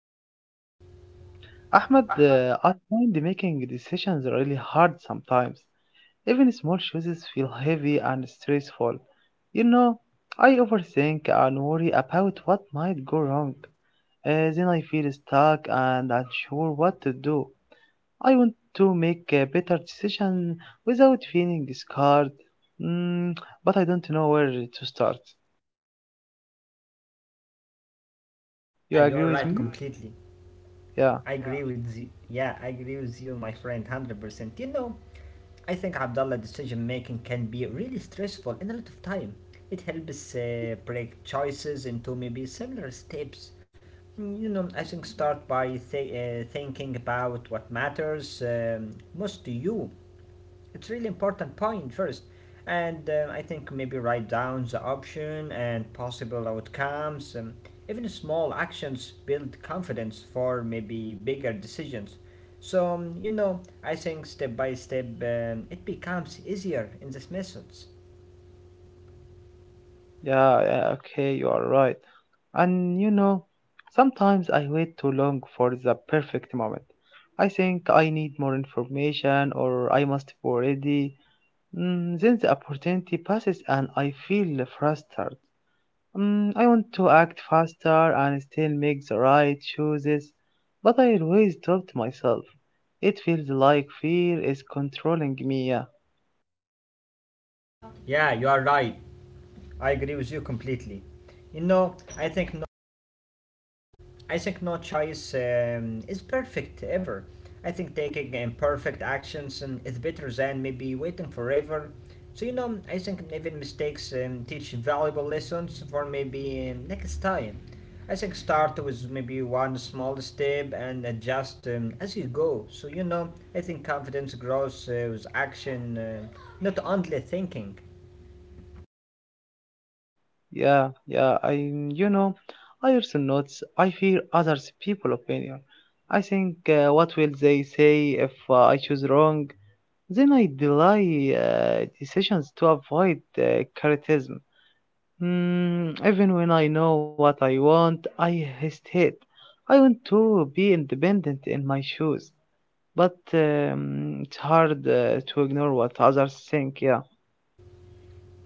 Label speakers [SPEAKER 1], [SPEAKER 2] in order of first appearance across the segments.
[SPEAKER 1] Thank you.
[SPEAKER 2] Ahmed, I find making decisions really hard sometimes. Even small choices feel heavy and stressful. You know, I overthink and worry about what might go wrong. Then I feel stuck and unsure what to do. I want to make a better decision without feeling scared, mm, but I don't know where to start. You
[SPEAKER 1] Yeah,
[SPEAKER 2] agree
[SPEAKER 1] you're
[SPEAKER 2] with
[SPEAKER 1] right
[SPEAKER 2] me?
[SPEAKER 1] completely.
[SPEAKER 2] Yeah.
[SPEAKER 1] I agree with you. Yeah, I agree with you, my friend, 100%. I think Abdullah decision making can be really stressful in a lot of time. It helps break choices into maybe similar steps. Mm. I think start by thinking about what matters most to you. It's really important point first, and I think maybe write down the option and possible outcomes. Even small actions build confidence for maybe bigger decisions. So I think step by step it becomes easier in these methods.
[SPEAKER 2] Yeah, yeah, okay, you are right. And sometimes I wait too long for the perfect moment. I think I need more information or I must be ready. Then the opportunity passes and I feel frustrated. I want to act faster and still make the right choices, but I always doubt myself. It feels like fear is controlling me. Yeah.
[SPEAKER 1] Yeah, you are right. I agree with you completely. I think no choice is perfect ever. I think taking imperfect actions is better than maybe waiting forever. So I think even mistakes teach valuable lessons for maybe next time. I think start with maybe one small step and adjust as you go. So I think confidence grows with action, not only thinking.
[SPEAKER 2] Yeah, yeah, I also notice I fear others' people opinion. I think, what will they say if I choose wrong? Then I delay decisions to avoid criticism. Even when I know what I want, I hesitate. I want to be independent in my shoes, but it's hard to ignore what others think. Yeah.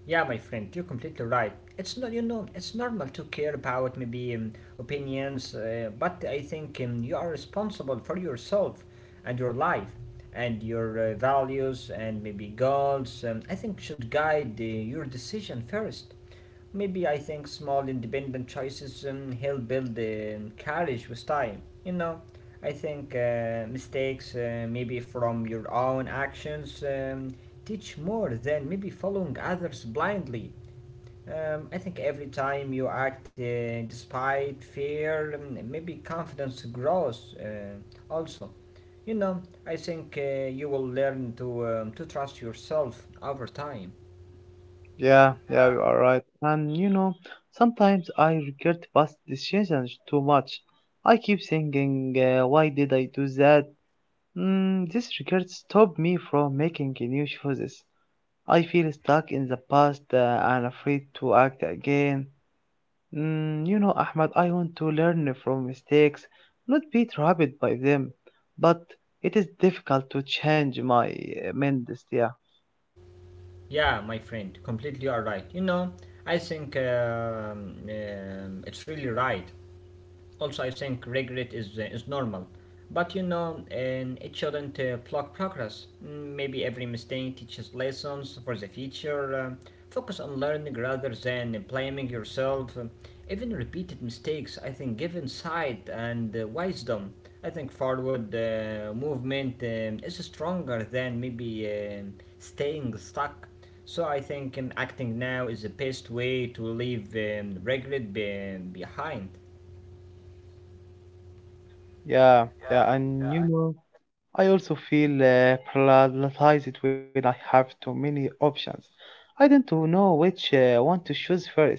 [SPEAKER 1] Yeah, my friend, you're completely right. It's not, you know, it's normal to care about maybe opinions, but I think you are responsible for yourself and your life and your values and maybe goals. I think should guide your decision first. Maybe I think small independent choices help build courage with time. I think mistakes, maybe from your own actions, teach more than maybe following others blindly. I think every time you act despite fear, maybe confidence grows also. I think you will learn to trust yourself over time.
[SPEAKER 2] Yeah, yeah, you are right. And sometimes I regret past decisions too much. I keep thinking, why did I do that? This regret stopped me from making new choices. I feel stuck in the past and afraid to act again. Ahmad, I want to learn from mistakes, not be trapped by them. But it is difficult to change my mind. Yeah,
[SPEAKER 1] Yeah, my friend, completely you are right. I think it's really right. Also, I think regret is normal. But and it shouldn't block progress. Mm. Maybe every mistake teaches lessons for the future. Focus on learning rather than blaming yourself. Even repeated mistakes, I think, give insight and wisdom. I think forward movement is stronger than maybe staying stuck. So I think acting now is the best way to leave regret behind.
[SPEAKER 2] yeah, yeah, and you know. I also feel paralyzed when I have too many options. I don't know which one to choose first.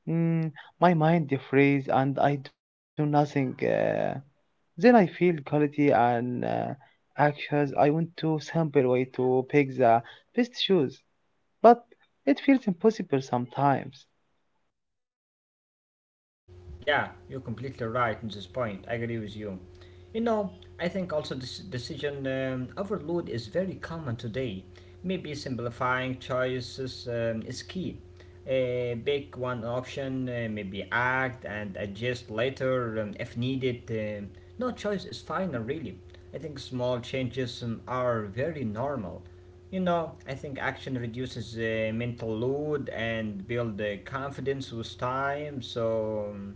[SPEAKER 2] Mm, my mind freezes and I do nothing. Then I feel guilty and anxious. I want to simple way to pick the best shoes, but it feels impossible sometimes.
[SPEAKER 1] Yeah, you're completely right in this point. I agree with you. You know, I think also this decision overload is very common today. Maybe simplifying choices is key. Pick one option, maybe act and adjust later if needed. No choice is final, really. I think small changes are very normal. I think action reduces mental load and build confidence with time. So,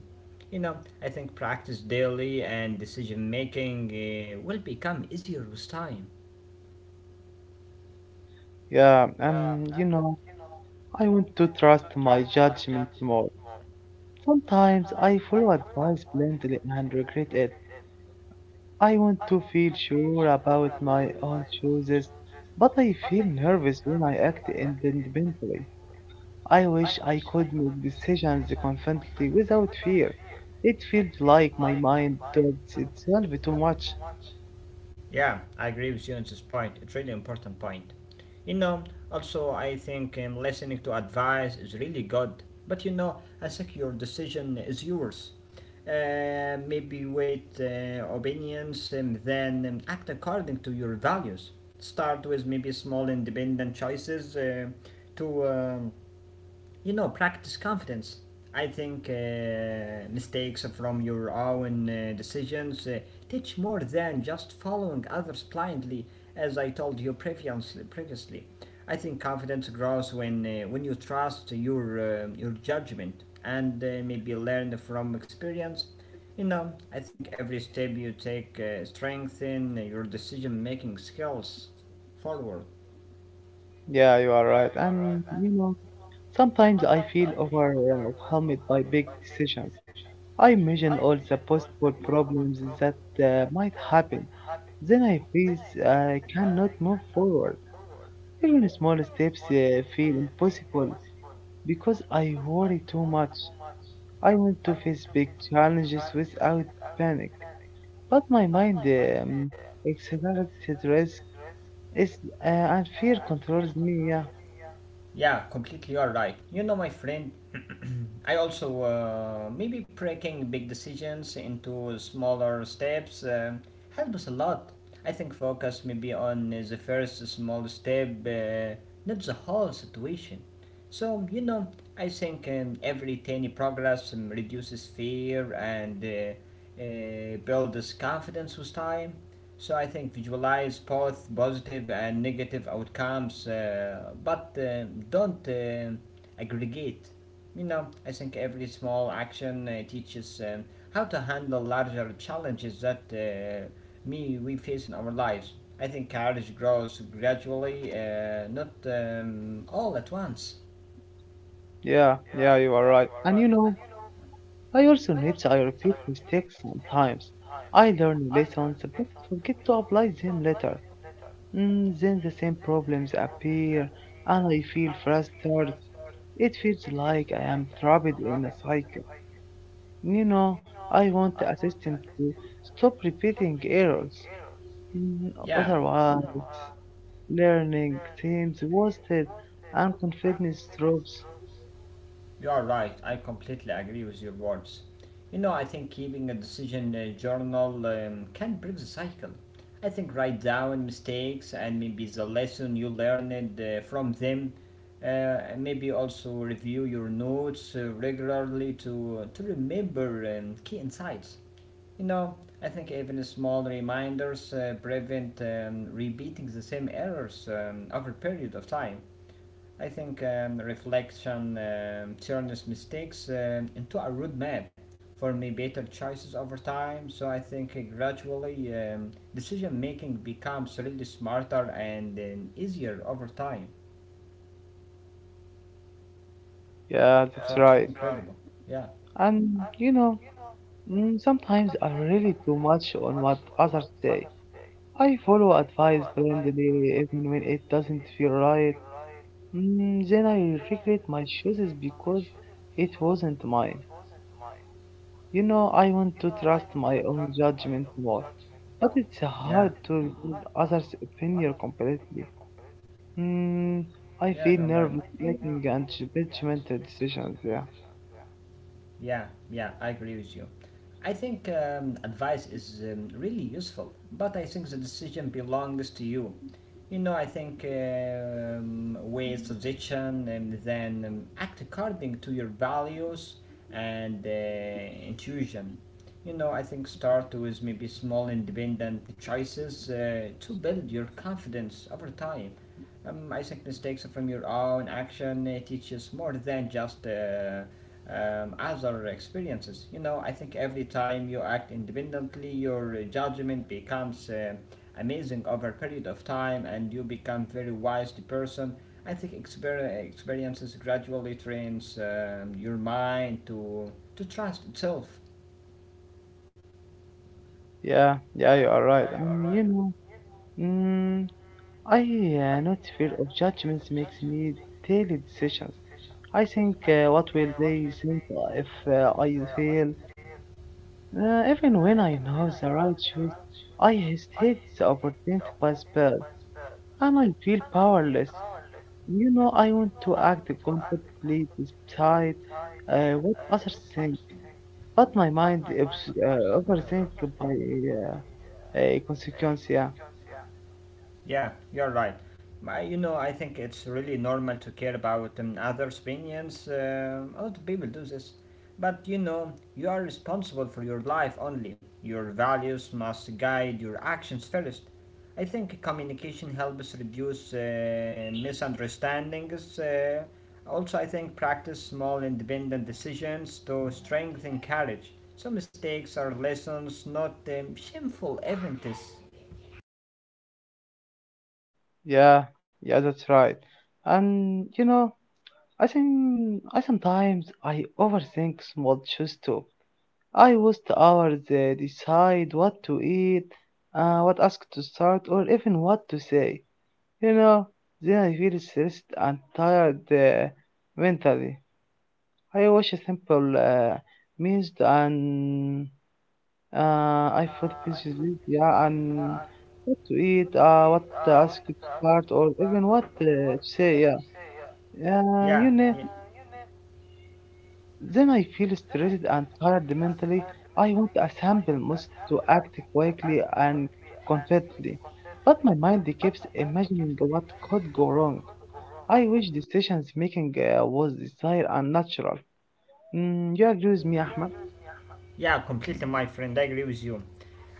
[SPEAKER 1] you know, I think practice daily and decision making will become easier with time.
[SPEAKER 2] Yeah, and I want to trust my judgment more. Sometimes I follow advice blindly and regret it. I want to feel sure about my own choices, but I feel nervous when I act independently. I wish I could make decisions confidently without fear. It feels like my mind doubts itself too much.
[SPEAKER 1] Yeah, I agree with you on this point. It's really important point. You know, Also I think listening to advice is really good. But I think your decision is yours. Maybe wait opinions and then act according to your values. Start with maybe small independent choices to practice confidence. I think mistakes from your own decisions teach more than just following others blindly, as I told you previously. I think confidence grows when you trust your judgment and maybe learn from experience. I think every step you take strengthen your decision making skills forward.
[SPEAKER 2] Yeah, you are right. And sometimes I feel overwhelmed by big decisions. I imagine all the possible problems that might happen. Then I feel I cannot move forward. Even small steps feel impossible because I worry too much. I want to face big challenges without panic, but my mind accelerated risk is and fear controls me. Yeah,
[SPEAKER 1] Yeah, completely you are right. My friend, I also maybe breaking big decisions into smaller steps helps a lot. I think focus maybe on the first small step, not the whole situation. So I think every tiny progress reduces fear and builds confidence with time. So I think visualize both positive and negative outcomes, but don't aggregate. I think every small action teaches how to handle larger challenges that me we face in our lives. I think courage grows gradually, not all at once.
[SPEAKER 2] yeah, yeah. You are right. And I also need to I repeat mistakes sometimes. I learn lessons but forget to apply them later. Then the same problems appear and I feel frustrated. It feels like I am trapped in a cycle. You know, I want a system to stop repeating errors.
[SPEAKER 1] Yeah.
[SPEAKER 2] Otherwise, learning seems wasted and confidence drops.
[SPEAKER 1] You are right. I completely agree with your words. I think keeping a decision journal can break the cycle. I think write down mistakes and maybe the lesson you learned from them. Uh, Maybe also review your notes regularly to remember key insights. I think even small reminders prevent repeating the same errors over a period of time. I think reflection turns mistakes into a roadmap for me better choices over time. So I think gradually decision making becomes really smarter and easier over time.
[SPEAKER 2] Yeah, that's right.
[SPEAKER 1] Drink. Yeah,
[SPEAKER 2] And sometimes I rely too much on what others say. I follow advice blindly even when it doesn't feel right. Then I regret my choices because it wasn't mine. I want to trust my own judgment more, but it's
[SPEAKER 1] yeah,
[SPEAKER 2] hard to ignore others' opinion completely. Mm, I
[SPEAKER 1] yeah. You're
[SPEAKER 2] feel
[SPEAKER 1] right.
[SPEAKER 2] nervous making and judgmental decisions. Yeah,
[SPEAKER 1] Yeah, yeah, I agree with you. I think advice is really useful, but I think the decision belongs to you. I think with suggestion and then act according to your values and intuition. I think start with maybe small independent choices to build your confidence over time. I think mistakes from your own action teaches more than just other experiences. I think every time you act independently, your judgment becomes amazing over a period of time, and you become very wise person. I think experiences gradually trains your mind to trust itself.
[SPEAKER 2] yeah, yeah. You are right. And mm, I not fear of judgments makes me daily decisions. I think what will they think if I fail? Even when I know the right choice, I hesitate the opportunity by spell, and I feel powerless. I want to act confidently despite what others think, but my mind overthinks by uh, a consequence. Yeah,
[SPEAKER 1] Yeah, you're right. I think it's really normal to care about others' opinions. A lot of people do this. But you are responsible for your life only. Your values must guide your actions first. I think communication helps reduce misunderstandings. Also, I think practice small independent decisions to strengthen courage. Some mistakes are lessons, not shameful events.
[SPEAKER 2] yeah, yeah, that's right. And I think I sometimes I overthink small choices too. I waste hours decide what to eat, what ask to start, or even what to say. You know, then I feel stressed and tired mentally. I watch a simple meals and uh, I food pieces, yeah, and what to eat, what to ask to start, or even what to say, yeah. Uh,
[SPEAKER 1] Yeah.
[SPEAKER 2] you know. Then I feel stressed and tired mentally. I want a simple must to act quickly and confidently, but my mind keeps imagining what could go wrong. I wish decisions making was desired and natural. You agree with me, Ahmed?
[SPEAKER 1] Yeah, completely, my friend. I agree with you.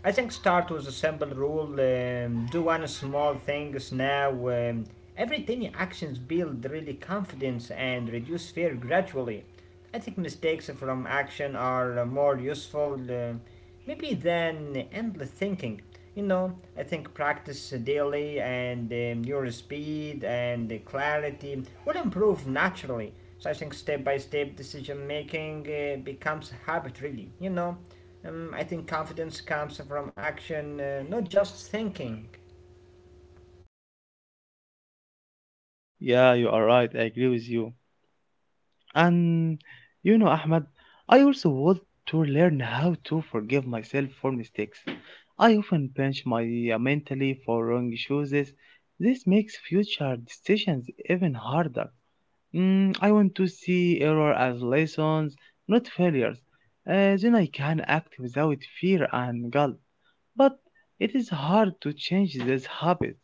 [SPEAKER 1] I think start with a simple rule. Do one small things now. Every tiny actions build really confidence and reduce fear gradually. I think mistakes from action are more useful. um Maybe then endless thinking. I think practice daily and your speed and clarity will improve naturally. So I think step by step decision making becomes a habit, really. I think confidence comes from action, not just thinking.
[SPEAKER 2] Yeah, you are right. I agree with you. And Ahmad, I also want to learn how to forgive myself for mistakes. I often punch my mentally for wrong choices. This makes future decisions even harder. I want to see error as lessons, not failures. Then I can act without fear and guilt but it is hard to change this habit.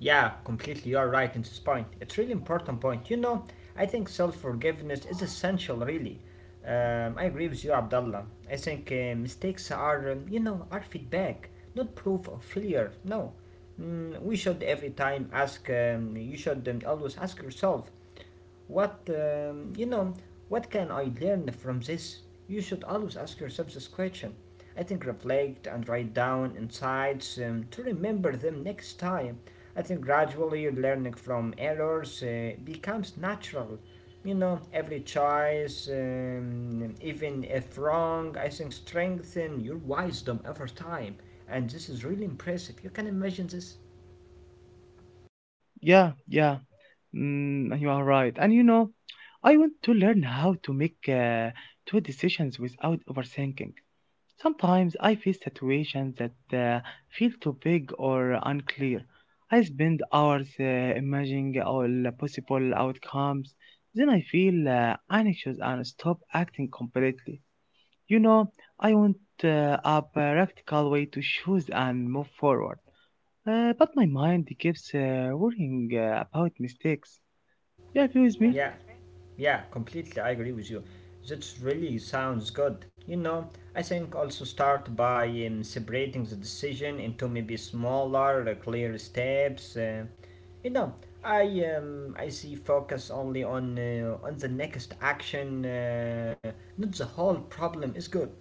[SPEAKER 1] Yeah, completely. You are right in this point. It's really important point. I think self-forgiveness is essential. Really, I agree with you, Abdullah. I think mistakes are, are feedback, not proof of failure. No, mm, we should every time ask. You should always ask yourself, what, um, you know, what can I learn from this? You should always ask yourself this question. I think reflect and write down insights to remember them next time. I think gradually learning from errors becomes natural. Every choice, even if wrong, I think strengthen your wisdom over time. And this is really impressive. You can imagine this?
[SPEAKER 2] Yeah, yeah. You are right. And I want to learn how to make two decisions without overthinking. Sometimes I face situations that feel too big or unclear. I spend hours imagining all possible outcomes. Then I feel anxious and stop acting completely. You know, I want a practical way to choose and move forward. But my mind keeps worrying about mistakes. You agree with me?
[SPEAKER 1] Yeah, yeah, completely. I agree with you. That really sounds good. I think also start by separating the decision into maybe smaller, clear steps. You know, I I see focus only on the next action. Not the whole problem is good.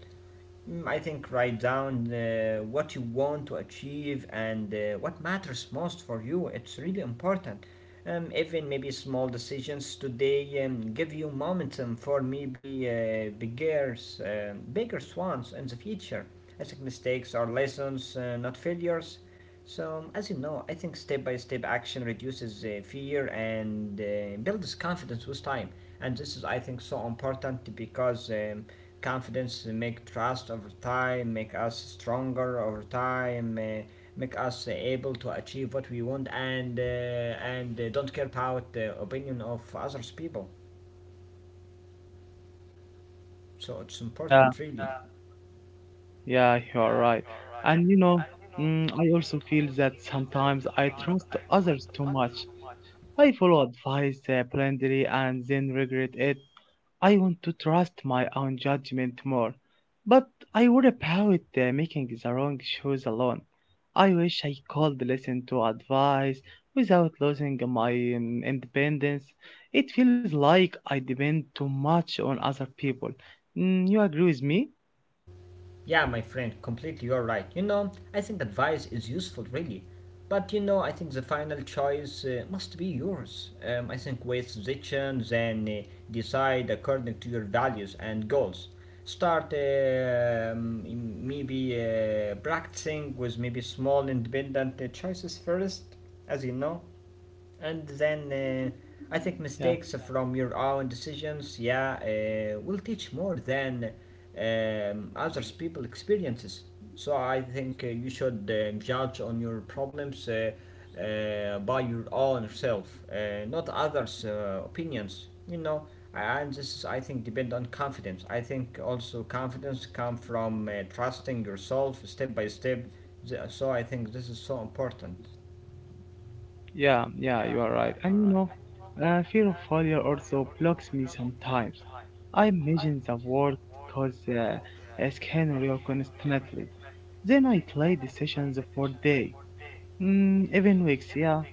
[SPEAKER 1] Mm, I think write down what you want to achieve and what matters most for you. It's really important. Even maybe small decisions today give you momentum for maybe bigger, bigger ones in the future. I think mistakes are lessons, not failures. So, as you know, I think step by step action reduces fear and builds confidence with time. And this is, I think, so important because confidence make trust over time, make us stronger over time, make us able to achieve what we want, and and don't care about the opinion of others people. So it's
[SPEAKER 2] Yeah,
[SPEAKER 1] important, really.
[SPEAKER 2] yeah, you are right. And I also feel that sometimes I trust others too much. I follow advice blindly and then regret it. I want to trust my own judgment more, but I worry about making the wrong choice alone. I wish I could listen to advice without losing my independence. It feels like I depend too much on other people. You agree with me?
[SPEAKER 1] Yeah, my friend, completely you're right. I think advice is useful, really. But I think the final choice must be yours. I think with decision, then decide according to your values and goals. Start maybe practicing with maybe small independent choices first, as you know. And then I think
[SPEAKER 2] Yeah.
[SPEAKER 1] mistakes from your own decisions, yeah, will teach more than others people experiences. So I think you should judge on your problems by your own self, not others' opinions. And this is, I think depend on confidence. I think also confidence come from trusting yourself step by step. So I think this is so important.
[SPEAKER 2] Yeah, yeah, you are right. And fear of failure also blocks me sometimes. I imagine the worst cause a scenario constantly. Then I play decisions for day, even weeks, yeah.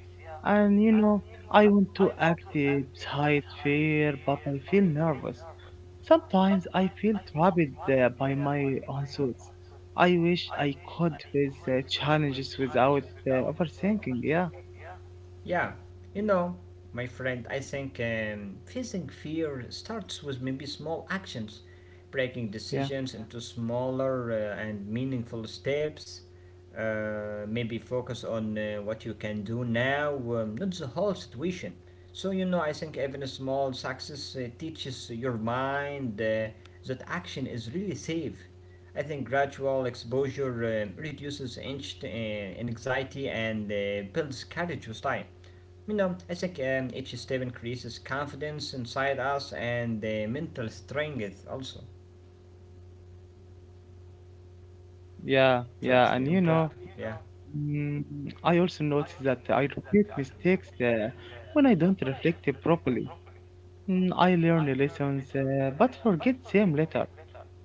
[SPEAKER 2] And I want to act beside fear, but I feel nervous. Sometimes I feel trapped by my own thoughts. I wish I could face challenges without overthinking, yeah,
[SPEAKER 1] Yeah, you know, my friend, I think facing fear starts with maybe small actions, breaking
[SPEAKER 2] yeah.
[SPEAKER 1] decisions into smaller and meaningful steps. Maybe focus on what you can do now, not the whole situation. So, you know, I think even a small success teaches your mind that action is really safe. I think gradual exposure reduces anxiety and builds courage with time. You know, I think each step increases confidence inside us and the mental strength also.
[SPEAKER 2] Yeah, yeah,
[SPEAKER 1] Really
[SPEAKER 2] and
[SPEAKER 1] important. Yeah,
[SPEAKER 2] mm, I also notice that I repeat mistakes when I don't reflect it properly. I learn the lessons, but forget them later.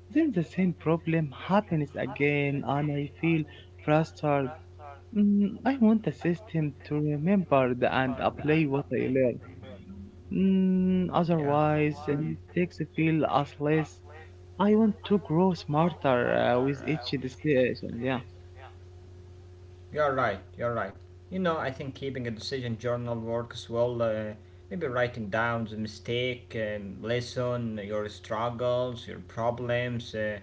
[SPEAKER 2] Then the same problem happens again, and I feel frustrated. I want the system to remember and apply what I learn. Otherwise, mistakes feel as less. I want to grow smarter with each decision. Yeah.
[SPEAKER 1] you're right. You're right. You know, I think keeping a decision journal works well. Maybe writing down the mistake, lesson, your struggles, your problems. Uh,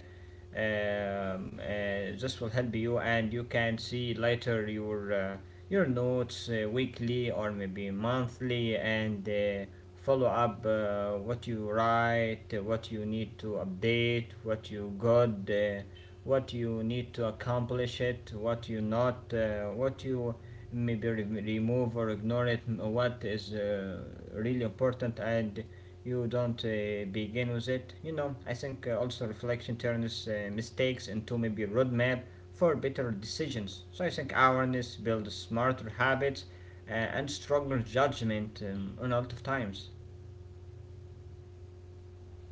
[SPEAKER 1] um, uh, This will help you, and you can see later your notes weekly or maybe monthly, and follow up what you write, what you need to update, what you got, what you need to accomplish it, what you not, what you maybe remove or ignore it, what is really important and you don't begin with it. You know, I think also reflection turns mistakes into maybe a roadmap for better decisions. So I think awareness builds smarter habits and stronger judgment on a lot of times.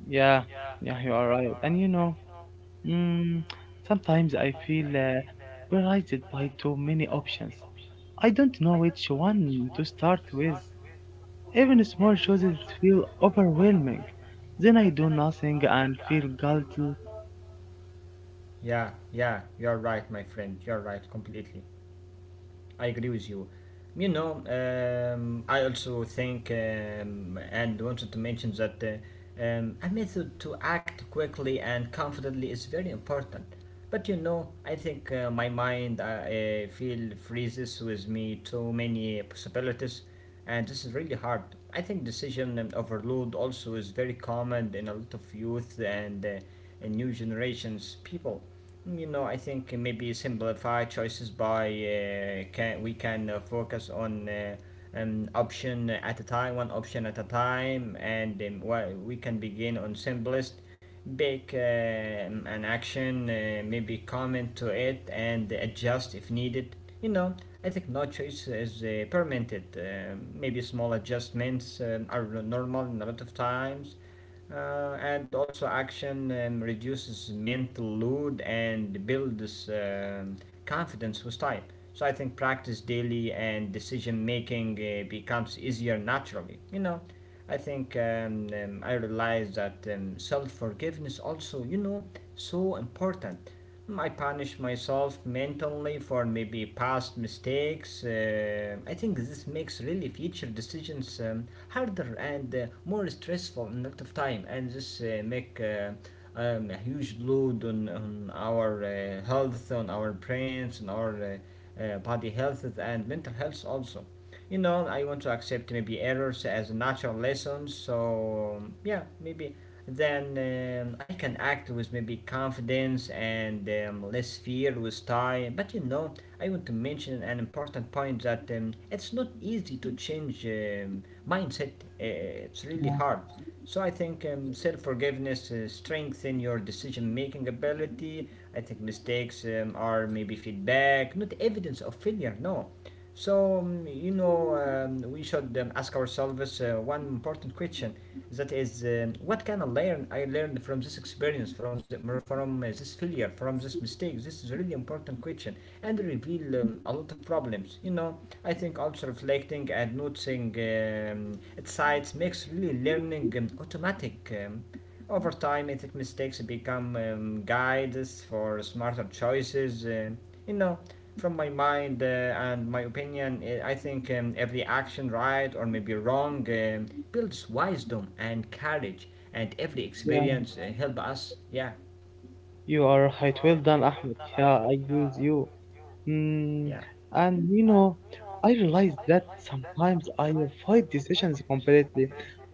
[SPEAKER 2] Yeah, yeah, you are right. And mm, sometimes I feel paralyzed by too many options. I don't know which one to start with. Even small choices feel overwhelming. Then I do nothing and feel guilty.
[SPEAKER 1] Yeah, yeah, you're right, my friend, you're right completely. I agree with you. You know, I also think and wanted to mention that a method to act quickly and confidently is very important. But you know, I think my mind feel freezes with me too many possibilities, and this is really hard. I think decision overload also is very common in a lot of youth and in new generations people. You know, I think maybe simplify choices by can we can focus on an option at a time, one option at a time, and we can begin on simplest, pick an action, maybe comment to it, and adjust if needed. You know, I think no choice is permitted. Maybe small adjustments are normal in a lot of times and also action reduces mental load and builds confidence with time. So I think practice daily and decision making becomes easier naturally. You know, I think I realize that self forgiveness also, you know, so important. Mm, I punish myself mentally for maybe past mistakes. I think this makes really future decisions harder and more stressful in a lot of time, and this make a huge load on our health, on our brains, on our body health and mental health also. You know, I want to accept maybe errors as natural lessons, so yeah, maybe then I can act with maybe confidence and less fear with time. But you know, I want to mention an important point that it's not easy to change mindset. It's really hard. So I think self-forgiveness strengthen your decision-making ability. I think mistakes are maybe feedback, not evidence of failure. No, so, you know, we should ask ourselves one important question. That is, what can I learn? I learned from this experience, from the, from this failure, from this mistake. This is a really important question, and reveal a lot of problems. You know, I think also reflecting and noticing its sides makes really learning automatic. Over time, ethic mistakes become guides for smarter choices. You know, from my mind and my opinion, I think every action, right or maybe wrong, builds wisdom and courage, and every
[SPEAKER 2] Yeah,
[SPEAKER 1] experience help us. Yeah,
[SPEAKER 2] you are right. Well done, Ahmed. Yeah, I agree with you.
[SPEAKER 1] yeah,
[SPEAKER 2] Mm, and you know, I realize that sometimes I avoid decisions completely.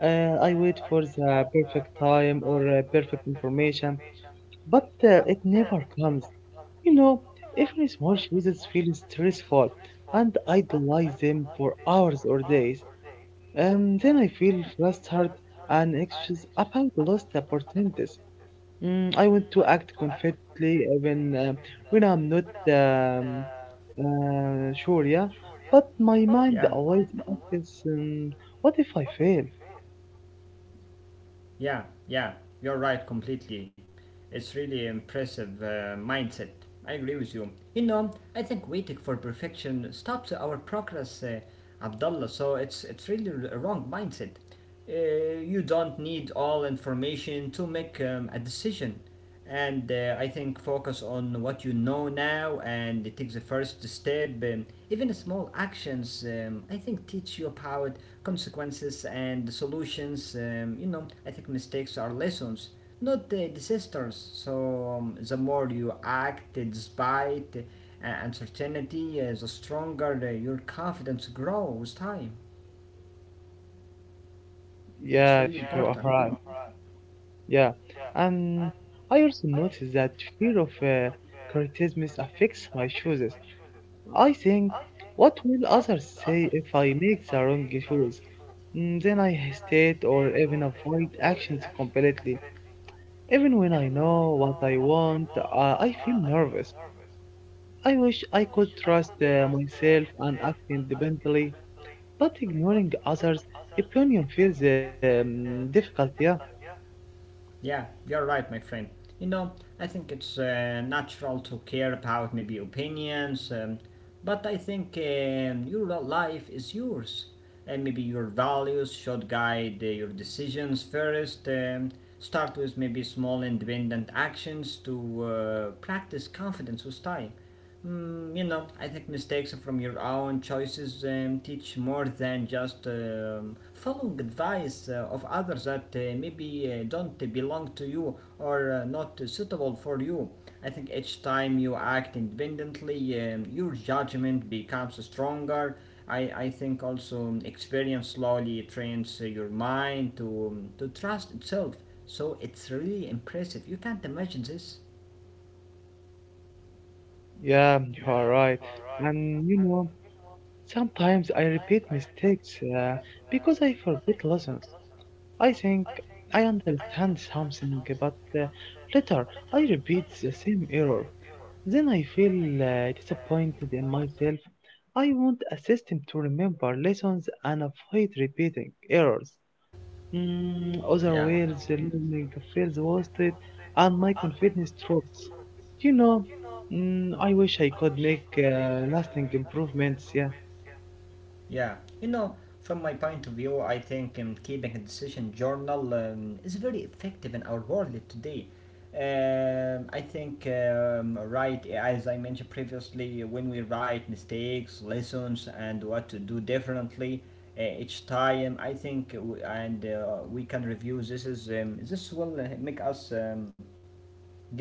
[SPEAKER 2] I wait for the perfect time or perfect information, but it never comes. You know, every small choices feel stressful, and I idolize them for hours or days. And then I feel flustered and anxious about lost opportunities. I want to act confidently even when I'm not um, sure, yeah. But my
[SPEAKER 1] yeah,
[SPEAKER 2] mind always asks, what if I fail?
[SPEAKER 1] yeah. You're right completely. It's really impressive mindset. I agree with you. You know, I think waiting for perfection stops our progress, Abdullah. So it's really a wrong mindset. You don't need all information to make a decision, and I think focus on what you know now and take the first step. Even small actions, I think, teach you about consequences and solutions. You know, I think mistakes are lessons, not the, disasters. So the more you act despite uncertainty, the stronger your confidence grows with time. It's
[SPEAKER 2] Yeah,
[SPEAKER 1] really
[SPEAKER 2] you are
[SPEAKER 1] important.
[SPEAKER 2] right. Yeah. And I also notice that fear of criticism affects my choices. I think, what will others say if I make the wrong choice? Then I hesitate or even avoid actions completely. Even when I know what I want, I feel nervous. I wish I could trust myself and act independently, but ignoring others' opinion feels difficult. Yeah,
[SPEAKER 1] Yeah, you're right, my friend. You know, I think it's natural to care about maybe opinions, but I think your life is yours. And maybe your values should guide your decisions first. Start with maybe small independent actions to practice confidence with time. Mm, you know, I think mistakes from your own choices teach more than just following advice of others that maybe don't belong to you or not suitable for you. I think each time you act independently, your judgment becomes stronger. I think also experience slowly trains your mind to trust itself. So it's really impressive. You can't imagine this.
[SPEAKER 2] yeah, you are right. And sometimes I repeat mistakes because I forget lessons. I think I understand something, but later I repeat the same error. Then I feel disappointed in myself. I want a system to remember lessons and avoid repeating errors.
[SPEAKER 1] Yeah.
[SPEAKER 2] Otherwise, the learning feels wasted and my confidence drops. You know, I wish I could make lasting improvements. Yeah,
[SPEAKER 1] Yeah, you know, from my point of view, I think keeping a decision journal is very effective in our world today. I think, right, as I mentioned previously, when we write mistakes, lessons, and what to do differently each time, I think, and we can review this is this will make us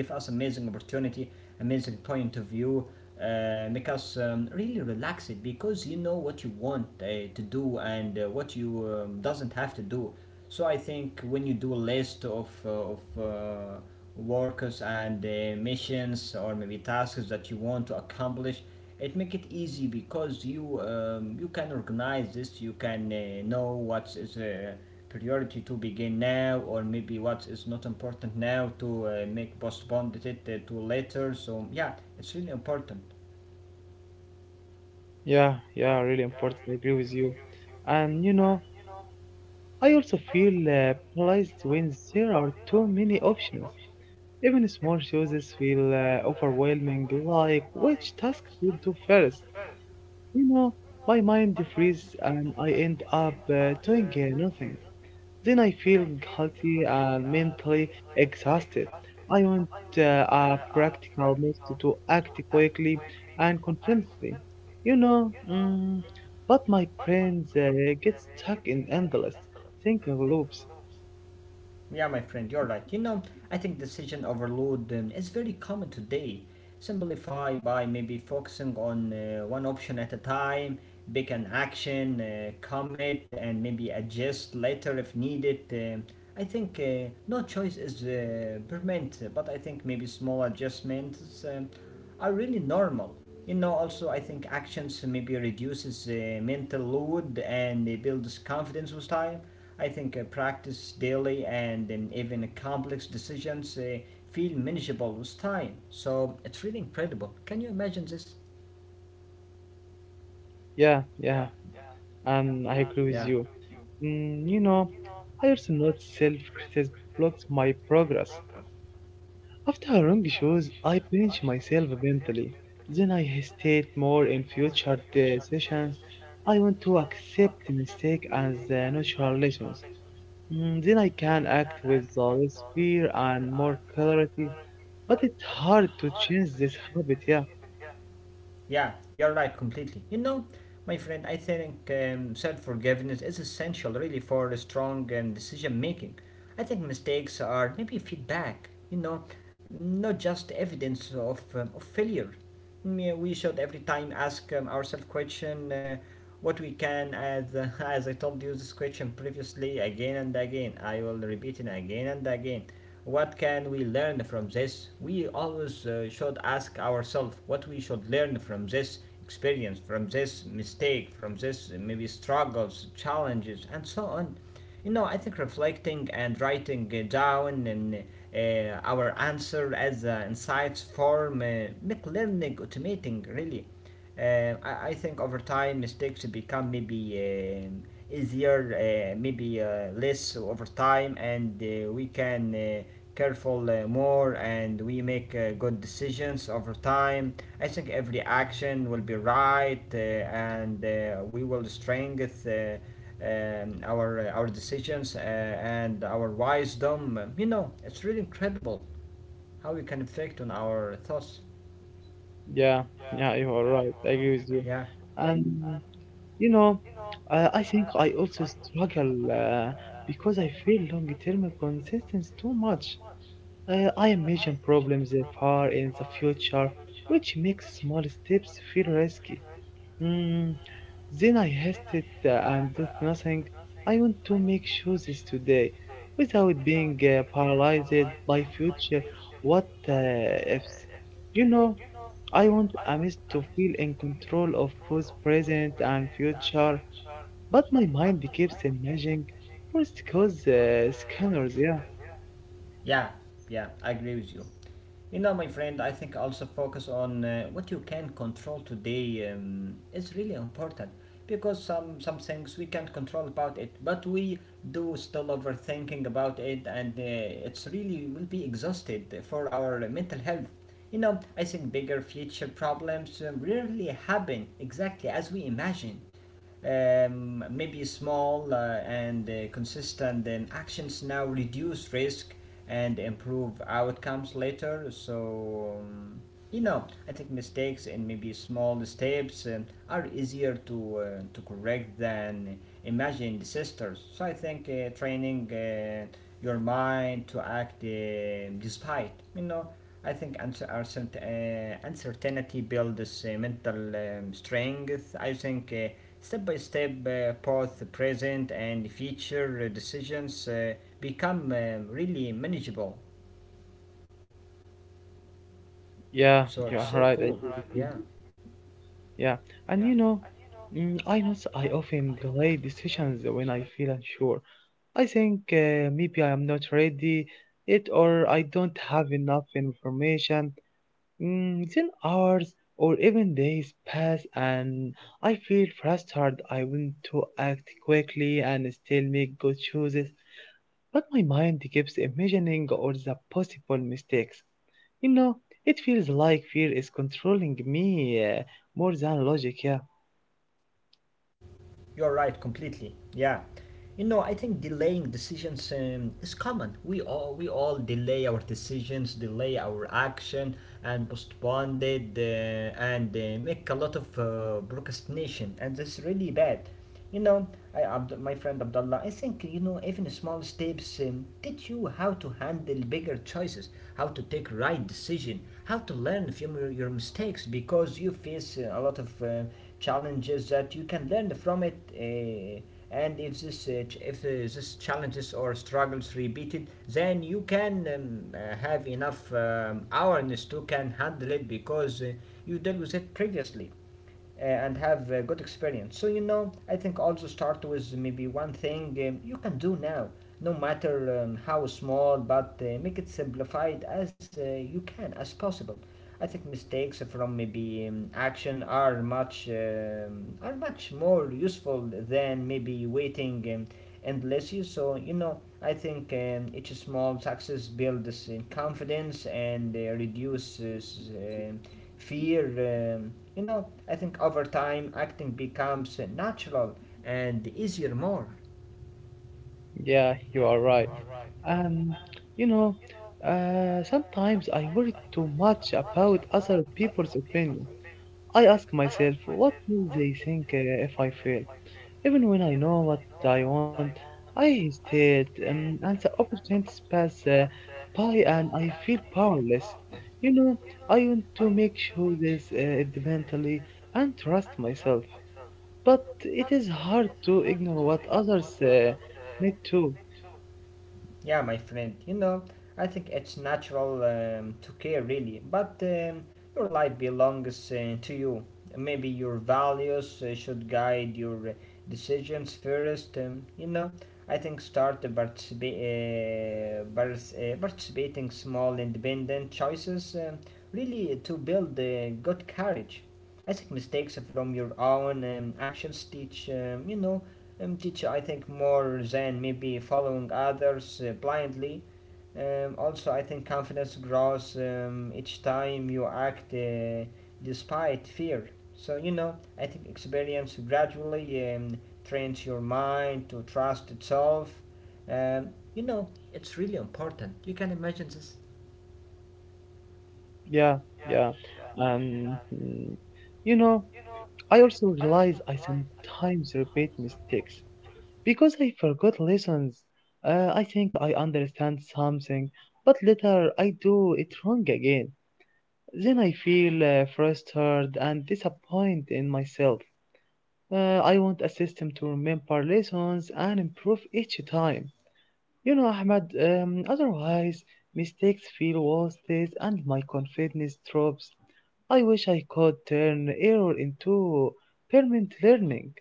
[SPEAKER 1] give us amazing opportunity, amazing point of view, make us really relax it because you know what you want to do and what you doesn't have to do. So I think when you do a list of workers and missions or maybe tasks that you want to accomplish, it make it easy because you you can organize this. You can know what is. Priority to begin now or maybe what is not important now to make postponed it to later. So yeah, it's really important.
[SPEAKER 2] yeah, yeah, really important. I agree with you. And I also feel paralyzed when there are too many options. Even small choices feel overwhelming, like which task to do first. You know, my mind freezes and I end up doing nothing. Then I feel guilty and mentally exhausted. I want uh, a practical method to act quickly and confidently. You know, mm, but my brain gets stuck in endless thinking loops.
[SPEAKER 1] Yeah, my friend, you're right. You know, I think decision overload is very common today. Simplify by maybe focusing on one option at a time, pick an action, commit and maybe adjust later if needed. I think no choice is permanent, but I think maybe small adjustments are really normal. You know, also I think actions maybe reduces mental load and it builds confidence with time. I think practice daily and even complex decisions feel manageable with time. So it's really incredible, can you imagine this?
[SPEAKER 2] Yeah, yeah, I agree
[SPEAKER 1] Yeah.
[SPEAKER 2] with you. Mm, you know, I also notice self-criticism blocks my progress. After a wrong shows, I pinch myself mentally. Then I hesitate more in future sessions. I want to accept mistake as natural lessons. Then I can act with less fear and more clarity. But it's hard to change this habit. Yeah,
[SPEAKER 1] Yeah, you're right completely. You know, my friend, I think self forgiveness is essential really for a strong decision making. I think mistakes are maybe feedback, you know, not just evidence of failure. Mm, we should every time ask ourselves question, what we can, as as I told you this question previously again and again, I will repeat it again and again. What can we learn from this? We always should ask ourselves what we should learn from this experience, from this mistake, from this maybe struggles, challenges and so on. You know, I think reflecting and writing down and our answer as insights form make learning automating really. I think over time mistakes become maybe easier, maybe less over time, and we can careful more, and we make good decisions over time. I think every action will be right, and we will strengthen. Our decisions and our wisdom. You know, it's really incredible how we can affect on our thoughts.
[SPEAKER 2] yeah, yeah. You are right. I agree with you.
[SPEAKER 1] Yeah,
[SPEAKER 2] And you know, I think I also struggle because I feel long-term consistency too much. I imagine problems that far in the future, which makes small steps feel risky. Mm, then I hesitate and do nothing. I want to make choices today without being paralyzed by future what ifs. You know, I want Amis to feel in control of both present and future, but my mind keeps imagining worst cause scanners. Yeah,
[SPEAKER 1] yeah, yeah. I agree with you. You know, my friend, I think also focus on what you can control today is really important because some things we can't control about it, but we do still overthinking about it, and it's really will be exhausted for our mental health. You know, I think bigger future problems rarely happen exactly as we imagine. Maybe small and consistent actions now reduce risk and improve outcomes later. So, you know, I think mistakes and maybe small steps are easier to correct than imagined sisters. So, I think training your mind to act despite, you know, I think uncertainty builds mental strength. I think step by step, both present and future decisions become really manageable.
[SPEAKER 2] yeah,
[SPEAKER 1] So, it's
[SPEAKER 2] you're
[SPEAKER 1] so
[SPEAKER 2] right.
[SPEAKER 1] cool.
[SPEAKER 2] I do agree.
[SPEAKER 1] Yeah,
[SPEAKER 2] Yeah, and you know, I know I often delay decisions when I feel unsure. I think maybe I am not ready it or I don't have enough information. Then hours or even days pass and I feel frustrated. I want to act quickly and still make good choices, but my mind keeps imagining all the possible mistakes. You know, it feels like fear is controlling me more than logic, yeah.
[SPEAKER 1] you're right completely. Yeah. You know, I think delaying decisions is common. We all delay our decisions, delay our action, and postpone it, and make a lot of procrastination, and that's really bad. You know, I, my friend Abdullah, I think, you know, even small steps teach you how to handle bigger choices, how to take right decision, how to learn from your mistakes because you face a lot of challenges that you can learn from it. And if this ch- if This challenges or struggles repeated, then you can have enough awareness to can handle it because you dealt with it previously and have a good experience. So, you know, I think also start with maybe one thing you can do now, no matter how small, but make it simplified as you can, as possible. I think mistakes from maybe action are much more useful than maybe waiting endlessly. So, you know, I think each small success builds confidence and reduces fear. You know, I think over time acting becomes natural and easier more.
[SPEAKER 2] Yeah, you are right. Um, you know, sometimes I worry too much about other people's opinion. I ask myself, what will they think if I fail? Even when I know what I want, I hesitate, and the opportunities pass by, and I feel powerless. You know, I want to make sure this mentally and trust myself, but it is hard to ignore what others may do.
[SPEAKER 1] Yeah, my friend, you know, I think it's natural to care really, but your life belongs to you. Maybe your values should guide your decisions first, you know. I think start to participating small independent choices really to build good courage. I think mistakes from your own actions teach, teacher, I think more than maybe following others blindly. Also, I think confidence grows each time you act despite fear. So, you know, I think experience gradually trains your mind to trust itself. You know, it's really important. You can imagine this.
[SPEAKER 2] Yeah, yeah. And you know, I also realize I sometimes repeat mistakes because I forgot lessons. I think I understand something, but later I do it wrong again. Then I feel frustrated and disappointed in myself. I want a system to remember lessons and improve each time. You know, Ahmed, otherwise, mistakes feel wasted and my confidence drops. I wish I could turn error into permanent learning.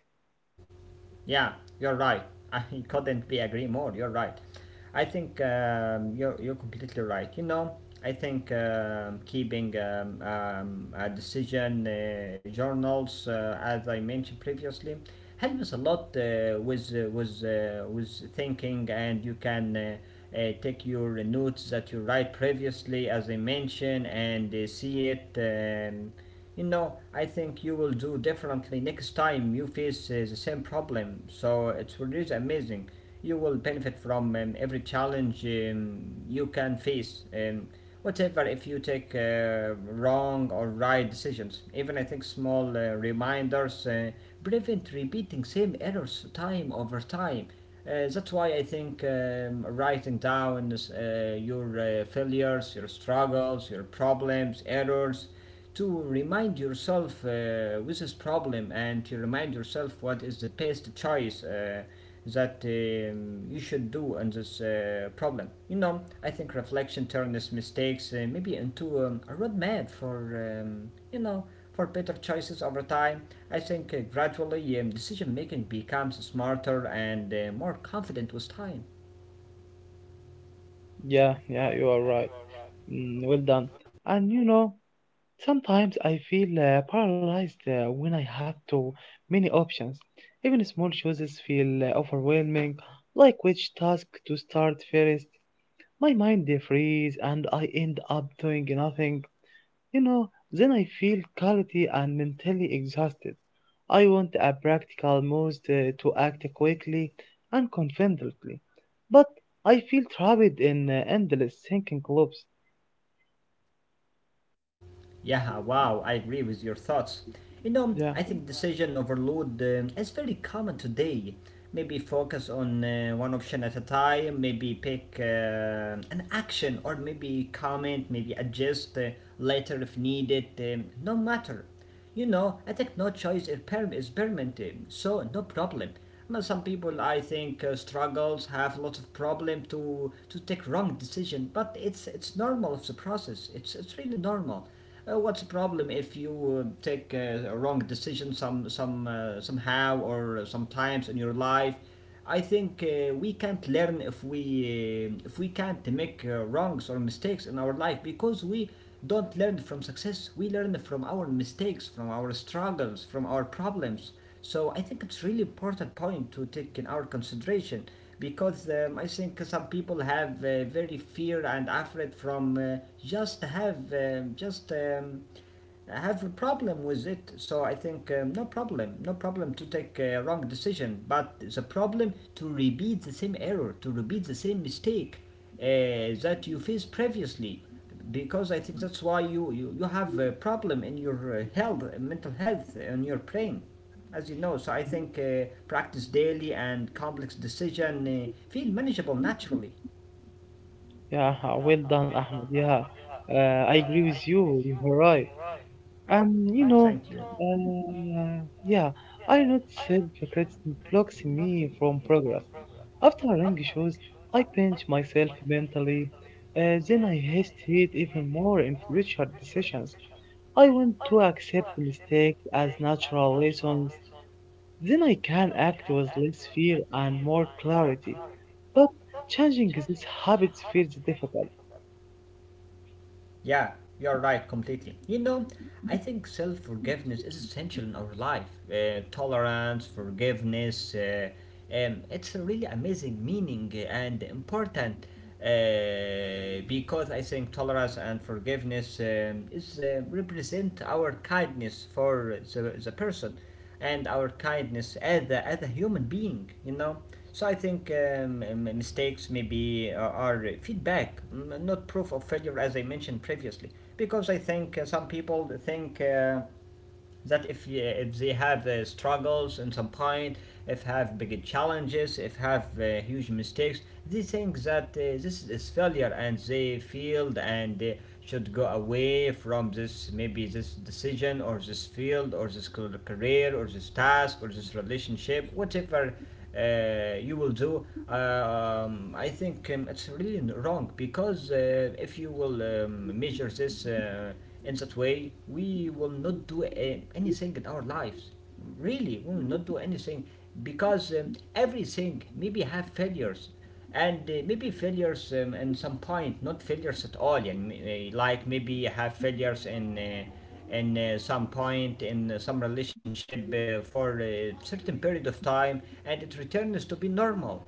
[SPEAKER 1] Yeah, you're right. I couldn't be agree more. You're right. I think you're completely right. You know, I think keeping a decision journals, as I mentioned previously, helps a lot with with thinking, and you can. Take your notes that you write previously, as I mentioned, and see it. You know, I think you will do differently next time you face the same problem. So it's really amazing. You will benefit from every challenge you can face. Whatever if you take wrong or right decisions. Even I think small reminders prevent repeating same errors time over time. That's why I think writing down your failures, your struggles, your problems, errors to remind yourself with this problem and to remind yourself what is the best choice that you should do in this problem. You know, I think reflection turns mistakes maybe into a roadmap for, you know, for better choices over time. I think gradually decision making becomes smarter and more confident with time.
[SPEAKER 2] Yeah, you are right. Well done. And you know, sometimes I feel paralyzed when I have too many options. Even small choices feel overwhelming, like which task to start first. My mind freezes and I end up doing nothing. You know, then I feel guilty and mentally exhausted. I want a practical move to act quickly and confidently, but I feel trapped in endless thinking loops.
[SPEAKER 1] Yeah, wow, I agree with your thoughts. You know,
[SPEAKER 2] Yeah,
[SPEAKER 1] I think decision overload is very common today. Maybe focus on one option at a time, maybe pick an action, or maybe comment, maybe adjust later if needed, no matter. You know, I think no choice is, is permanent, so no problem. But some people, I think, struggles have a lot of problem to take wrong decision. But it's normal of the process. It's really normal. What's the problem if you take a wrong decision somehow or sometimes in your life? I think we can't learn if we can't make wrongs or mistakes in our life because we don't learn from success. We learn from our mistakes, from our struggles, from our problems. So I think it's really important point to take in our consideration because I think some people have very fear and afraid from just have just. I have a problem with it, so I think no problem to take a wrong decision, but the problem to repeat the same error, to repeat the same mistake that you faced previously, because I think that's why you have a problem in your health, mental health, in your brain, as you know. So I think practice daily and complex decision feel manageable naturally.
[SPEAKER 2] yeah, well done, Ahmed. Yeah, uh, I agree with you. You right. You know, uh, yeah, I noticed hypocrites blocks me from progress. After a long shows, I pinch myself mentally. Then I hesitate even more in future decisions. I want to accept mistakes as natural lessons. Then I can act with less fear and more clarity. But changing these habits feels difficult.
[SPEAKER 1] Yeah, you're right completely. You know, I think self forgiveness is essential in our life. Tolerance, forgiveness, it's a really amazing meaning and important because I think tolerance and forgiveness is represent our kindness for the person and our kindness as as a human being, you know. So I think mistakes maybe are feedback, not proof of failure, as I mentioned previously, because I think some people think that if they have struggles in some point, if have big challenges, if have huge mistakes, they think that this is failure and they failed and they should go away from this, maybe this decision or this field or this career or this task or this relationship, whatever you will do. Uh, I think it's really wrong because if you will measure this in that way, we will not do anything in our lives. Really, we will not do anything because everything maybe have failures and maybe failures in some point not failures at all. And like maybe have failures in some point in some relationship for a certain period of time and it returns to be normal.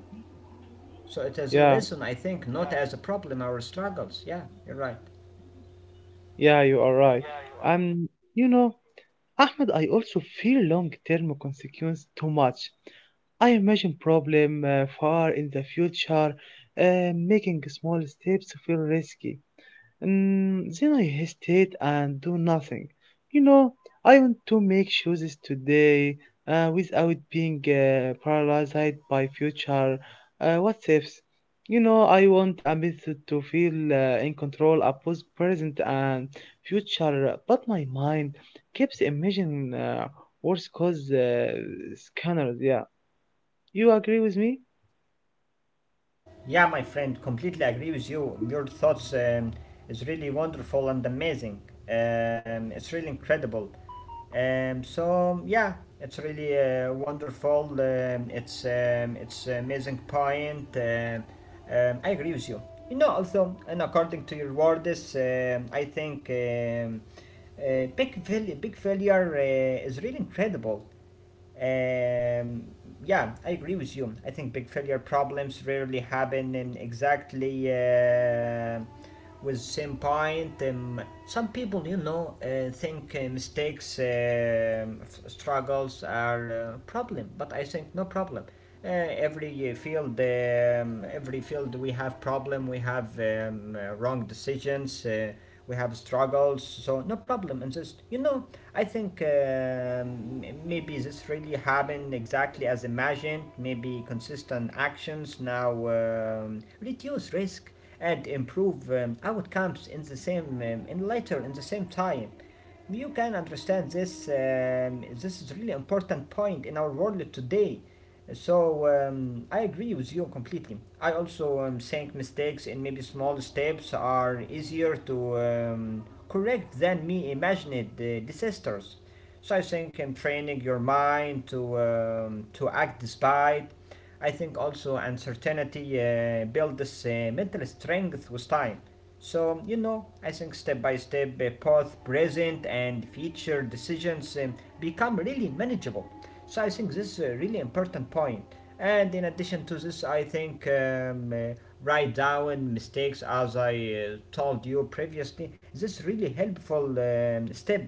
[SPEAKER 1] So it is a
[SPEAKER 2] Yeah,
[SPEAKER 1] lesson, I think, not as a problem or struggles. Yeah, you're right.
[SPEAKER 2] yeah, you are right. Um, you know, Ahmed, I also fear long-term consequences too much. I imagine problem far in the future, making small steps feel risky. Then I hesitate and do nothing. You know, I want to make choices today without being paralyzed by future what ifs. You know, I want a method to feel in control of both present and future, but my mind keeps imagining worse cause scanners. Yeah, you agree with me?
[SPEAKER 1] Yeah, my friend, completely agree with you. Your thoughts is really wonderful and amazing. It's really incredible. So yeah, it's really wonderful. It's amazing point. I agree with you. You know, also, and according to your words, I think big failure is really incredible. Um, yeah, I agree with you. I think big failure problems rarely happen in exactly with same point. Some people, you know, think mistakes, struggles are problem, but I think no problem. Every field, every field, we have problem. We have wrong decisions. We have struggles. So no problem. And just, you know, I think maybe this really happened exactly as imagined. Maybe consistent actions now reduce risk and improve outcomes in the same in later in the same time. You can understand this. This is a really important point in our world today. So I agree with you completely. I also think mistakes and maybe small steps are easier to correct than me imagined disasters. So I think training your mind to act despite. I think also uncertainty builds mental strength with time. So, you know, I think step by step, both present and future decisions become really manageable. So, I think this is a really important point. And in addition to this, I think write down mistakes, as I told you previously, this is really helpful step,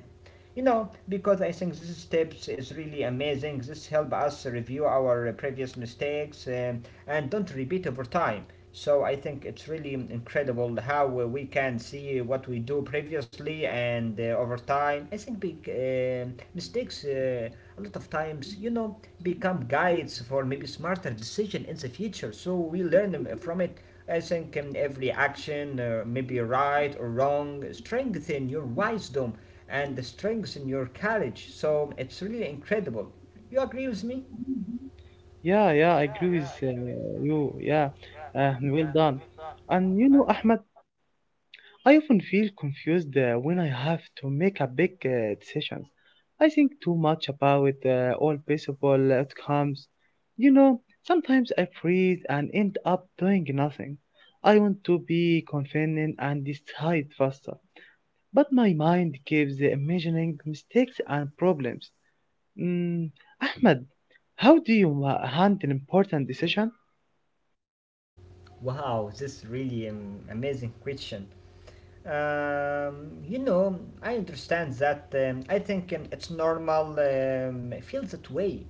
[SPEAKER 1] you know, because I think these steps is really amazing. This help us review our previous mistakes and don't repeat over time. So I think it's really incredible how we can see what we do previously. And over time I think big mistakes a lot of times, you know, become guides for maybe smarter decision in the future, so we learn from it. I think every action, maybe right or wrong, strengthen your wisdom and strengthen your courage. So it's really incredible. You agree with me?
[SPEAKER 2] Yeah, I agree with you. Yeah, well done. And you know, Ahmed, I often feel confused when I have to make a big decisions. I think too much about all possible outcomes. You know, sometimes I freeze and end up doing nothing. I want to be confident and decide faster, but my mind keeps imagining mistakes and problems. Mm, Ahmed, how do you handle important decision?
[SPEAKER 1] Wow, this is really an amazing question. You know, I understand that. I think it's normal. I feel that way.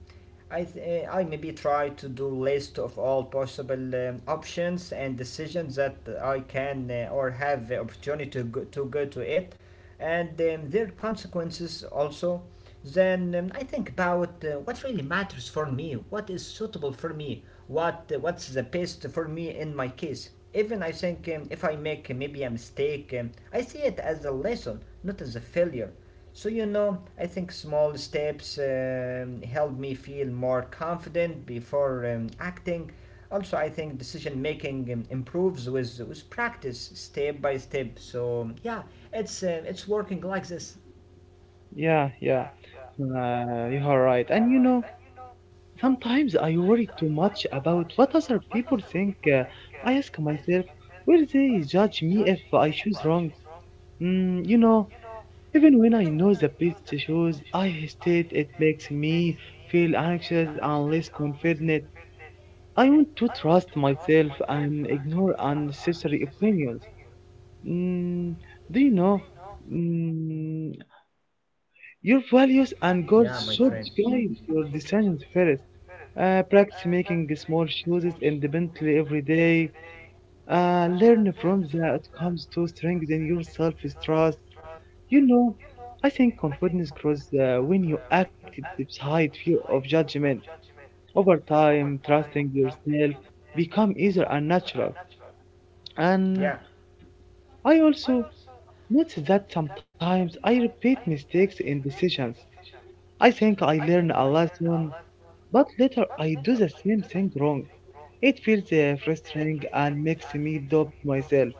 [SPEAKER 1] I maybe try to do list of all possible options and decisions that I can or have the opportunity to go, to go to it, and their consequences also, then I think about what really matters for me, what is suitable for me, what's the best for me in my case. Even I think if I make maybe a mistake, I see it as a lesson, not as a failure. So, you know, I think small steps help me feel more confident before acting. Also, I think decision making improves with practice, step by step. So, yeah, it's working like this.
[SPEAKER 2] Yeah, you are right. And you know, sometimes I worry too much about what other people think. I ask myself, will they judge me if I choose wrong? You know, even when I know the best choice, I hesitate. It makes me feel anxious and less confident. I want to trust myself and ignore unnecessary opinions. Mm, do you know? Mm, Your values and
[SPEAKER 1] Yeah, my
[SPEAKER 2] goals should
[SPEAKER 1] friend.
[SPEAKER 2] guide your decisions first. Practice making small choices independently every day. Learn from the outcomes to strengthen your self-trust. You know, I think confidence grows when you act despite fear of judgment. Over time, trusting yourself become easier and natural. And
[SPEAKER 1] Yeah.
[SPEAKER 2] I also notice that sometimes I repeat mistakes in decisions. I think I learn a lesson, but later I do the same thing wrong. It feels frustrating and makes me doubt myself.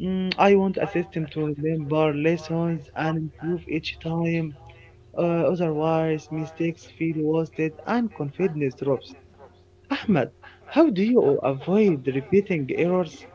[SPEAKER 2] I want a system to remember lessons and improve each time. Otherwise, mistakes feel wasted and confidence drops. Ahmed, how do you avoid repeating errors?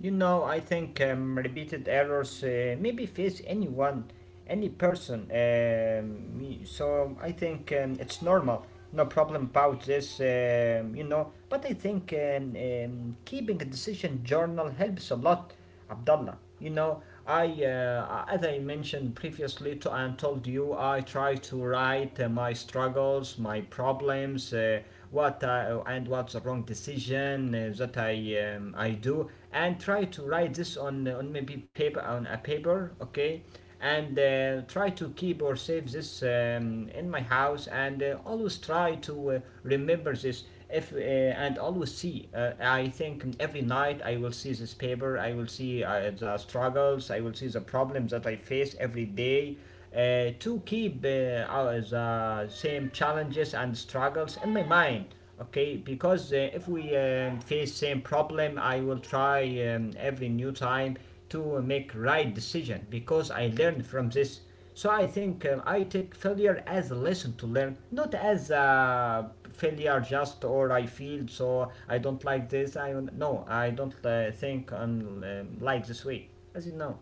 [SPEAKER 1] You know, I think repeated errors maybe face anyone, any person. So I think it's normal. No problem about this, you know. But I think keeping a decision journal helps a lot. Abdullah. You know, I as I mentioned previously to and told you, I try to write my struggles, my problems, what I, and what's the wrong decision that I do, and try to write this on maybe paper on a paper, okay, and try to keep or save this in my house and always try to remember this if and always see I think every night I will see this paper, I will see the struggles, I will see the problems that I face every day to keep the same challenges and struggles in my mind, okay, because if we face same problem, I will try every new time to make right decision because I learned from this. So I think I take failure as a lesson to learn, not as a failure just or I feel so I don't like this. I no, I don't think on like this way, as you know.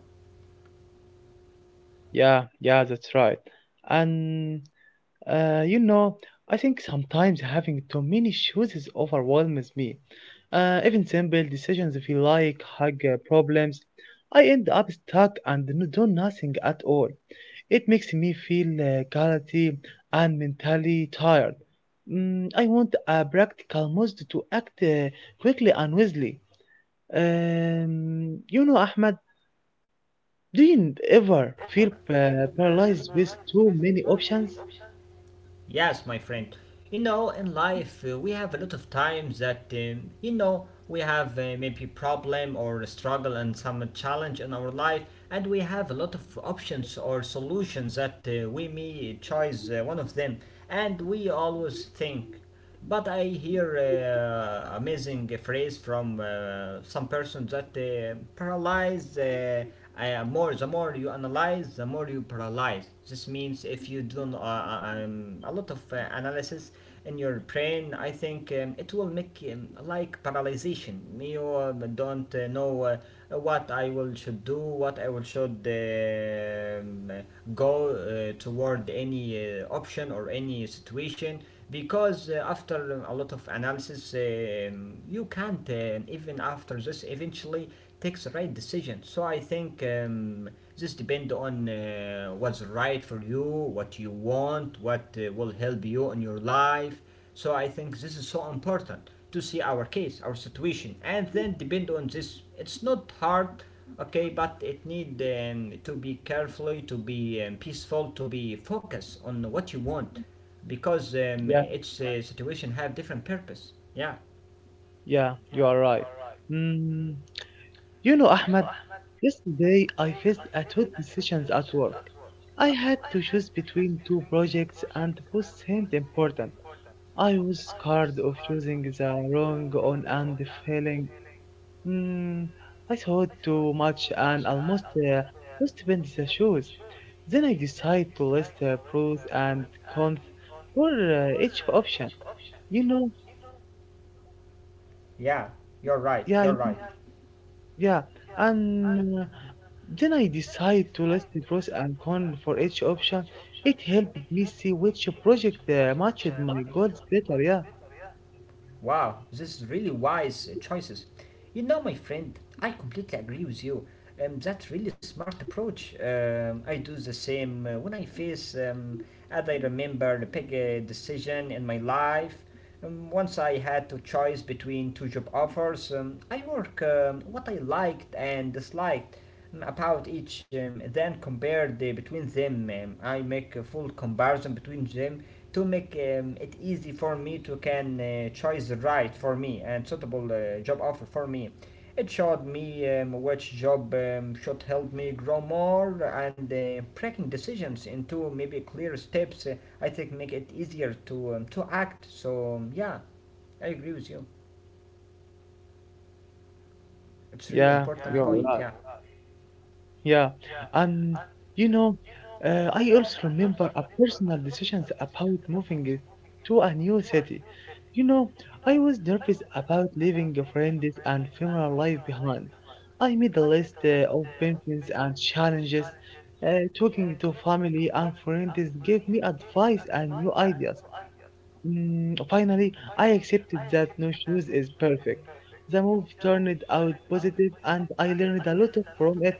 [SPEAKER 2] Yeah, that's right. And you know, I think sometimes having too many choices overwhelms me. Even simple decisions feel like hug problems. I end up stuck and do nothing at all. It makes me feel guilty and mentally tired. I want a practical method to act quickly and wisely. You know, Ahmed, do you ever feel paralyzed with too many options?
[SPEAKER 1] Yes, my friend. You know, in life, we have a lot of times that, you know, we have maybe problem or struggle and some challenge in our life, and we have a lot of options or solutions that we may choose one of them, and we always think. But I hear amazing phrase from some person that paralyze. More the more you analyze, the more you paralyze. This means if you do a lot of analysis in your brain, I think it will make like paralyzation. You don't know what I will should do, what I will should go toward any option or any situation because after a lot of analysis, you can't even after this eventually take the right decision. So I think this depends on what's right for you, what you want, what will help you in your life. So I think this is so important to see our case, our situation, and then depend on this. It's not hard, okay, but it need to be carefully, to be peaceful, to be focused on what you want because each situation have different purpose. Yeah,
[SPEAKER 2] Yeah, you are right. Mm, you know, Ahmed, yesterday I faced a tough decision at work. I had to choose between two projects and both seemed important. I was scared of choosing the wrong one and failing. Mm, I thought too much and almost lost bent the shoes. Then I decided to list the pros and cons for each option. You know,
[SPEAKER 1] yeah, you're right.
[SPEAKER 2] yeah,
[SPEAKER 1] You're right.
[SPEAKER 2] Yeah. And then I decide to list the pros and cons for each option. It helped me see which project matched my goals better. Yeah,
[SPEAKER 1] Wow, this is really wise choices. You know, my friend, I completely agree with you. That's really smart approach. I do the same when I face, as I remember, a big decision in my life. Once I had to choose between two job offers, I work what I liked and disliked about each, then compared between them. I make a full comparison between them to make it easy for me to can choose the right for me and suitable job offer for me. It showed me which job should help me grow more. And breaking decisions into maybe clear steps, I think, make it easier to act. So yeah, I agree with you. It's really
[SPEAKER 2] yeah,
[SPEAKER 1] important
[SPEAKER 2] you're right.
[SPEAKER 1] point.
[SPEAKER 2] Yeah, and you know, I also remember a personal decisions about moving it to a new city. You know, I was nervous about leaving friends and family life behind. I made a list of benefits and challenges. Talking to family and friends gave me advice and new ideas. Finally, I accepted that no shoes is perfect. The move turned out positive and I learned a lot from it.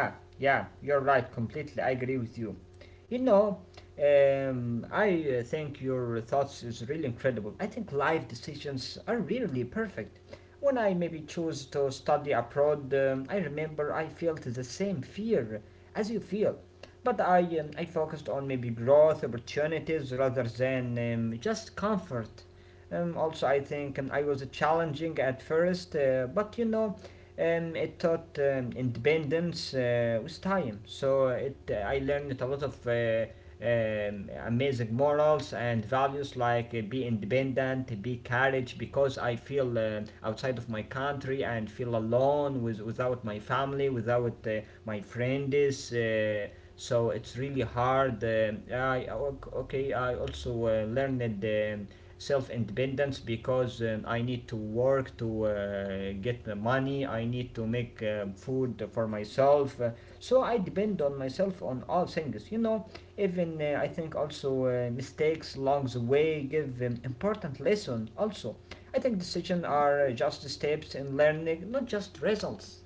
[SPEAKER 1] Yeah, yeah, you're right. Completely, I agree with you. You know, I think your thoughts is really incredible. I think life decisions are really perfect. When I maybe chose to study abroad, I remember I felt the same fear as you feel, but I focused on maybe growth opportunities rather than just comfort. Also, I think I was challenging at first, but you know, it taught independence with time. So it I learned a lot of amazing morals and values like be independent, be courage, because I feel outside of my country and feel alone with without my family, without my friends. So it's really hard. Okay. I also learned self independence because I need to work to get the money, I need to make food for myself. So I depend on myself on all things, you know. Even I think also mistakes along the way give an important lesson also. I think decisions are just steps in learning, not just results.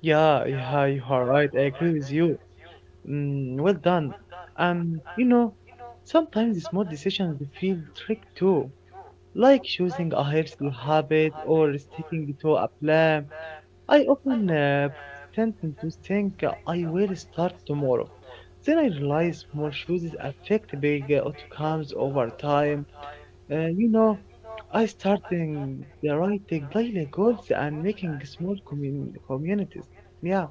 [SPEAKER 2] Yeah, you are right. I agree with you. Well done. You know, sometimes small decisions feel tricky too, like choosing a healthy habit or sticking to a plan. I often tend to think I will start tomorrow. Then I realize small choices affect big outcomes over time. You know, I starting the writing daily goals and making small communities. Yeah,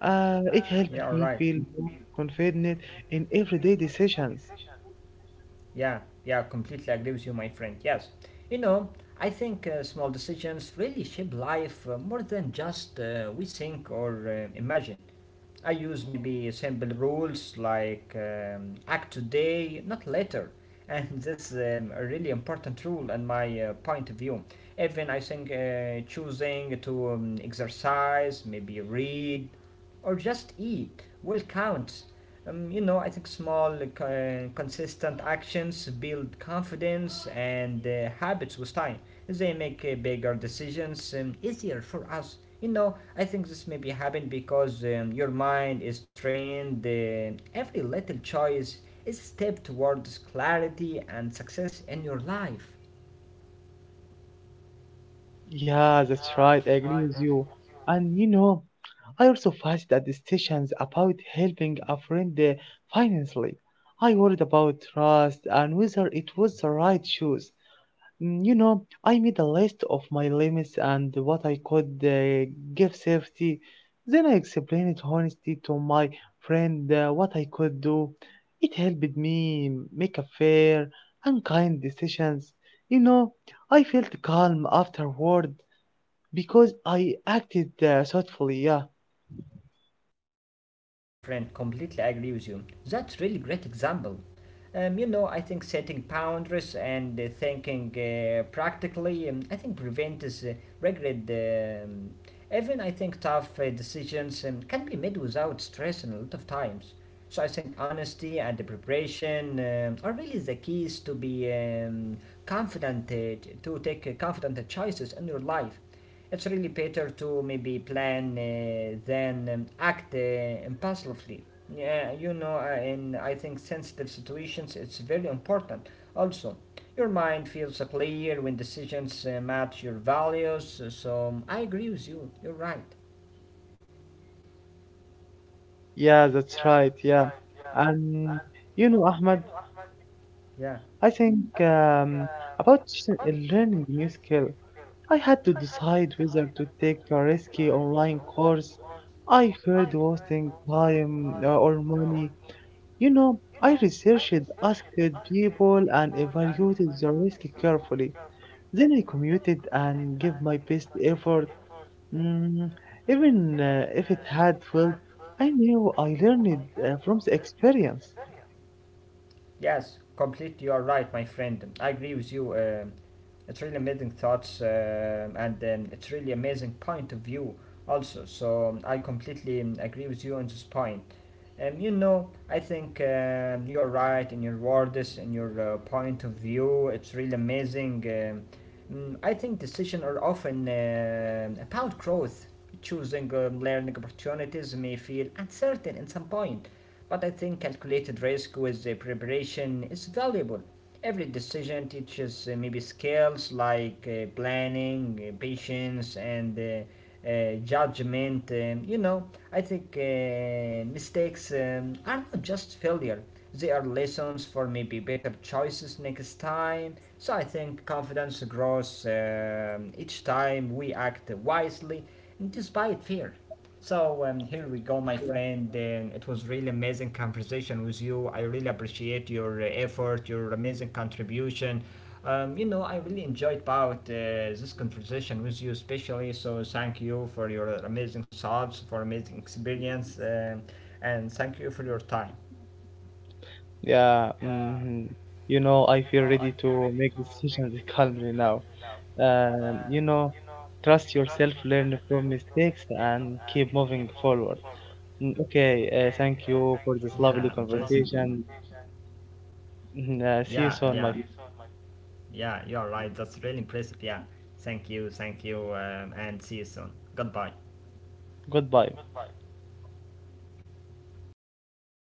[SPEAKER 2] it helped
[SPEAKER 1] Yeah,
[SPEAKER 2] me
[SPEAKER 1] right.
[SPEAKER 2] feel more confident in everyday decisions.
[SPEAKER 1] Yeah, yeah, completely agree with you, my friend. Yes. You know, I think small decisions really shape life more than just we think or imagine. I use maybe simple rules like act today, not later. And this is a really important rule in my point of view. Even I think choosing to exercise, maybe read, or just eat will count. You know, I think small, consistent actions build confidence and habits with time, they make bigger decisions easier for us. You know, I think this may be happen because your mind is trained. Every little choice is a step towards clarity and success in your life.
[SPEAKER 2] Yeah, that's right. I agree with you. And you know, I also faced that decisions about helping a friend financially. I worried about trust and whether it was the right choice. You know, I made a list of my limits and what I could give safety. Then I explained honestly to my friend what I could do. It helped me make a fair and kind decisions. You know, I felt calm afterward because I acted thoughtfully, yeah.
[SPEAKER 1] Yeah, my friend, completely agree with you. That's really great example. You know, I think setting boundaries and thinking practically, I think prevents regret. Even I think tough decisions can be made without stress and a lot of times. So I think honesty and the preparation are really the keys to be confident to take confident choices in your life. It's really better to maybe plan than act impulsively. Yeah, you know, in I think sensitive situations, it's very important. Also, your mind feels clear when decisions match your values. So I agree with you. You're right.
[SPEAKER 2] Yeah, that's right, yeah. And you know, Ahmed,
[SPEAKER 1] Yeah.
[SPEAKER 2] I think about learning new skill, I had to decide whether to take a risky online course. I feared wasting time or money. You know, I researched, asked people, and evaluated the risk carefully. Then I commuted and gave my best effort. Mm, Even if it had felt, I knew I learned from the experience.
[SPEAKER 1] Yes, completely. You are right, my friend. I agree with you. It's really amazing thoughts and it's really amazing point of view also. So I completely agree with you on this point. You know, I think you are right in your words, in your point of view. It's really amazing. I think decisions are often about growth. Choosing learning opportunities may feel uncertain at some point, but I think calculated risk with the preparation is valuable. Every decision teaches maybe skills like planning, patience, and judgment. You know, I think mistakes are not just failure, they are lessons for maybe better choices next time. So I think confidence grows each time we act wisely despite fear. So here we go, my
[SPEAKER 2] Yeah,
[SPEAKER 1] friend. It was really amazing conversation with you. I really appreciate your effort, your amazing contribution. You know, I really enjoyed about this conversation with you, especially. So thank you for your amazing thoughts, for amazing experience, and thank you for your time.
[SPEAKER 2] yeah. Mhm. You know, I feel ready to make decisions calmly now. You know, trust yourself, learn from mistakes, and keep moving forward. Okay, thank you for this
[SPEAKER 1] Yeah,
[SPEAKER 2] lovely
[SPEAKER 1] impre-
[SPEAKER 2] conversation. Mhm.
[SPEAKER 1] yeah,
[SPEAKER 2] See you
[SPEAKER 1] yeah,
[SPEAKER 2] soon, my.
[SPEAKER 1] yeah. You're right. That's really impressive. Yeah, thank you, and see you soon. Goodbye.
[SPEAKER 2] Goodbye.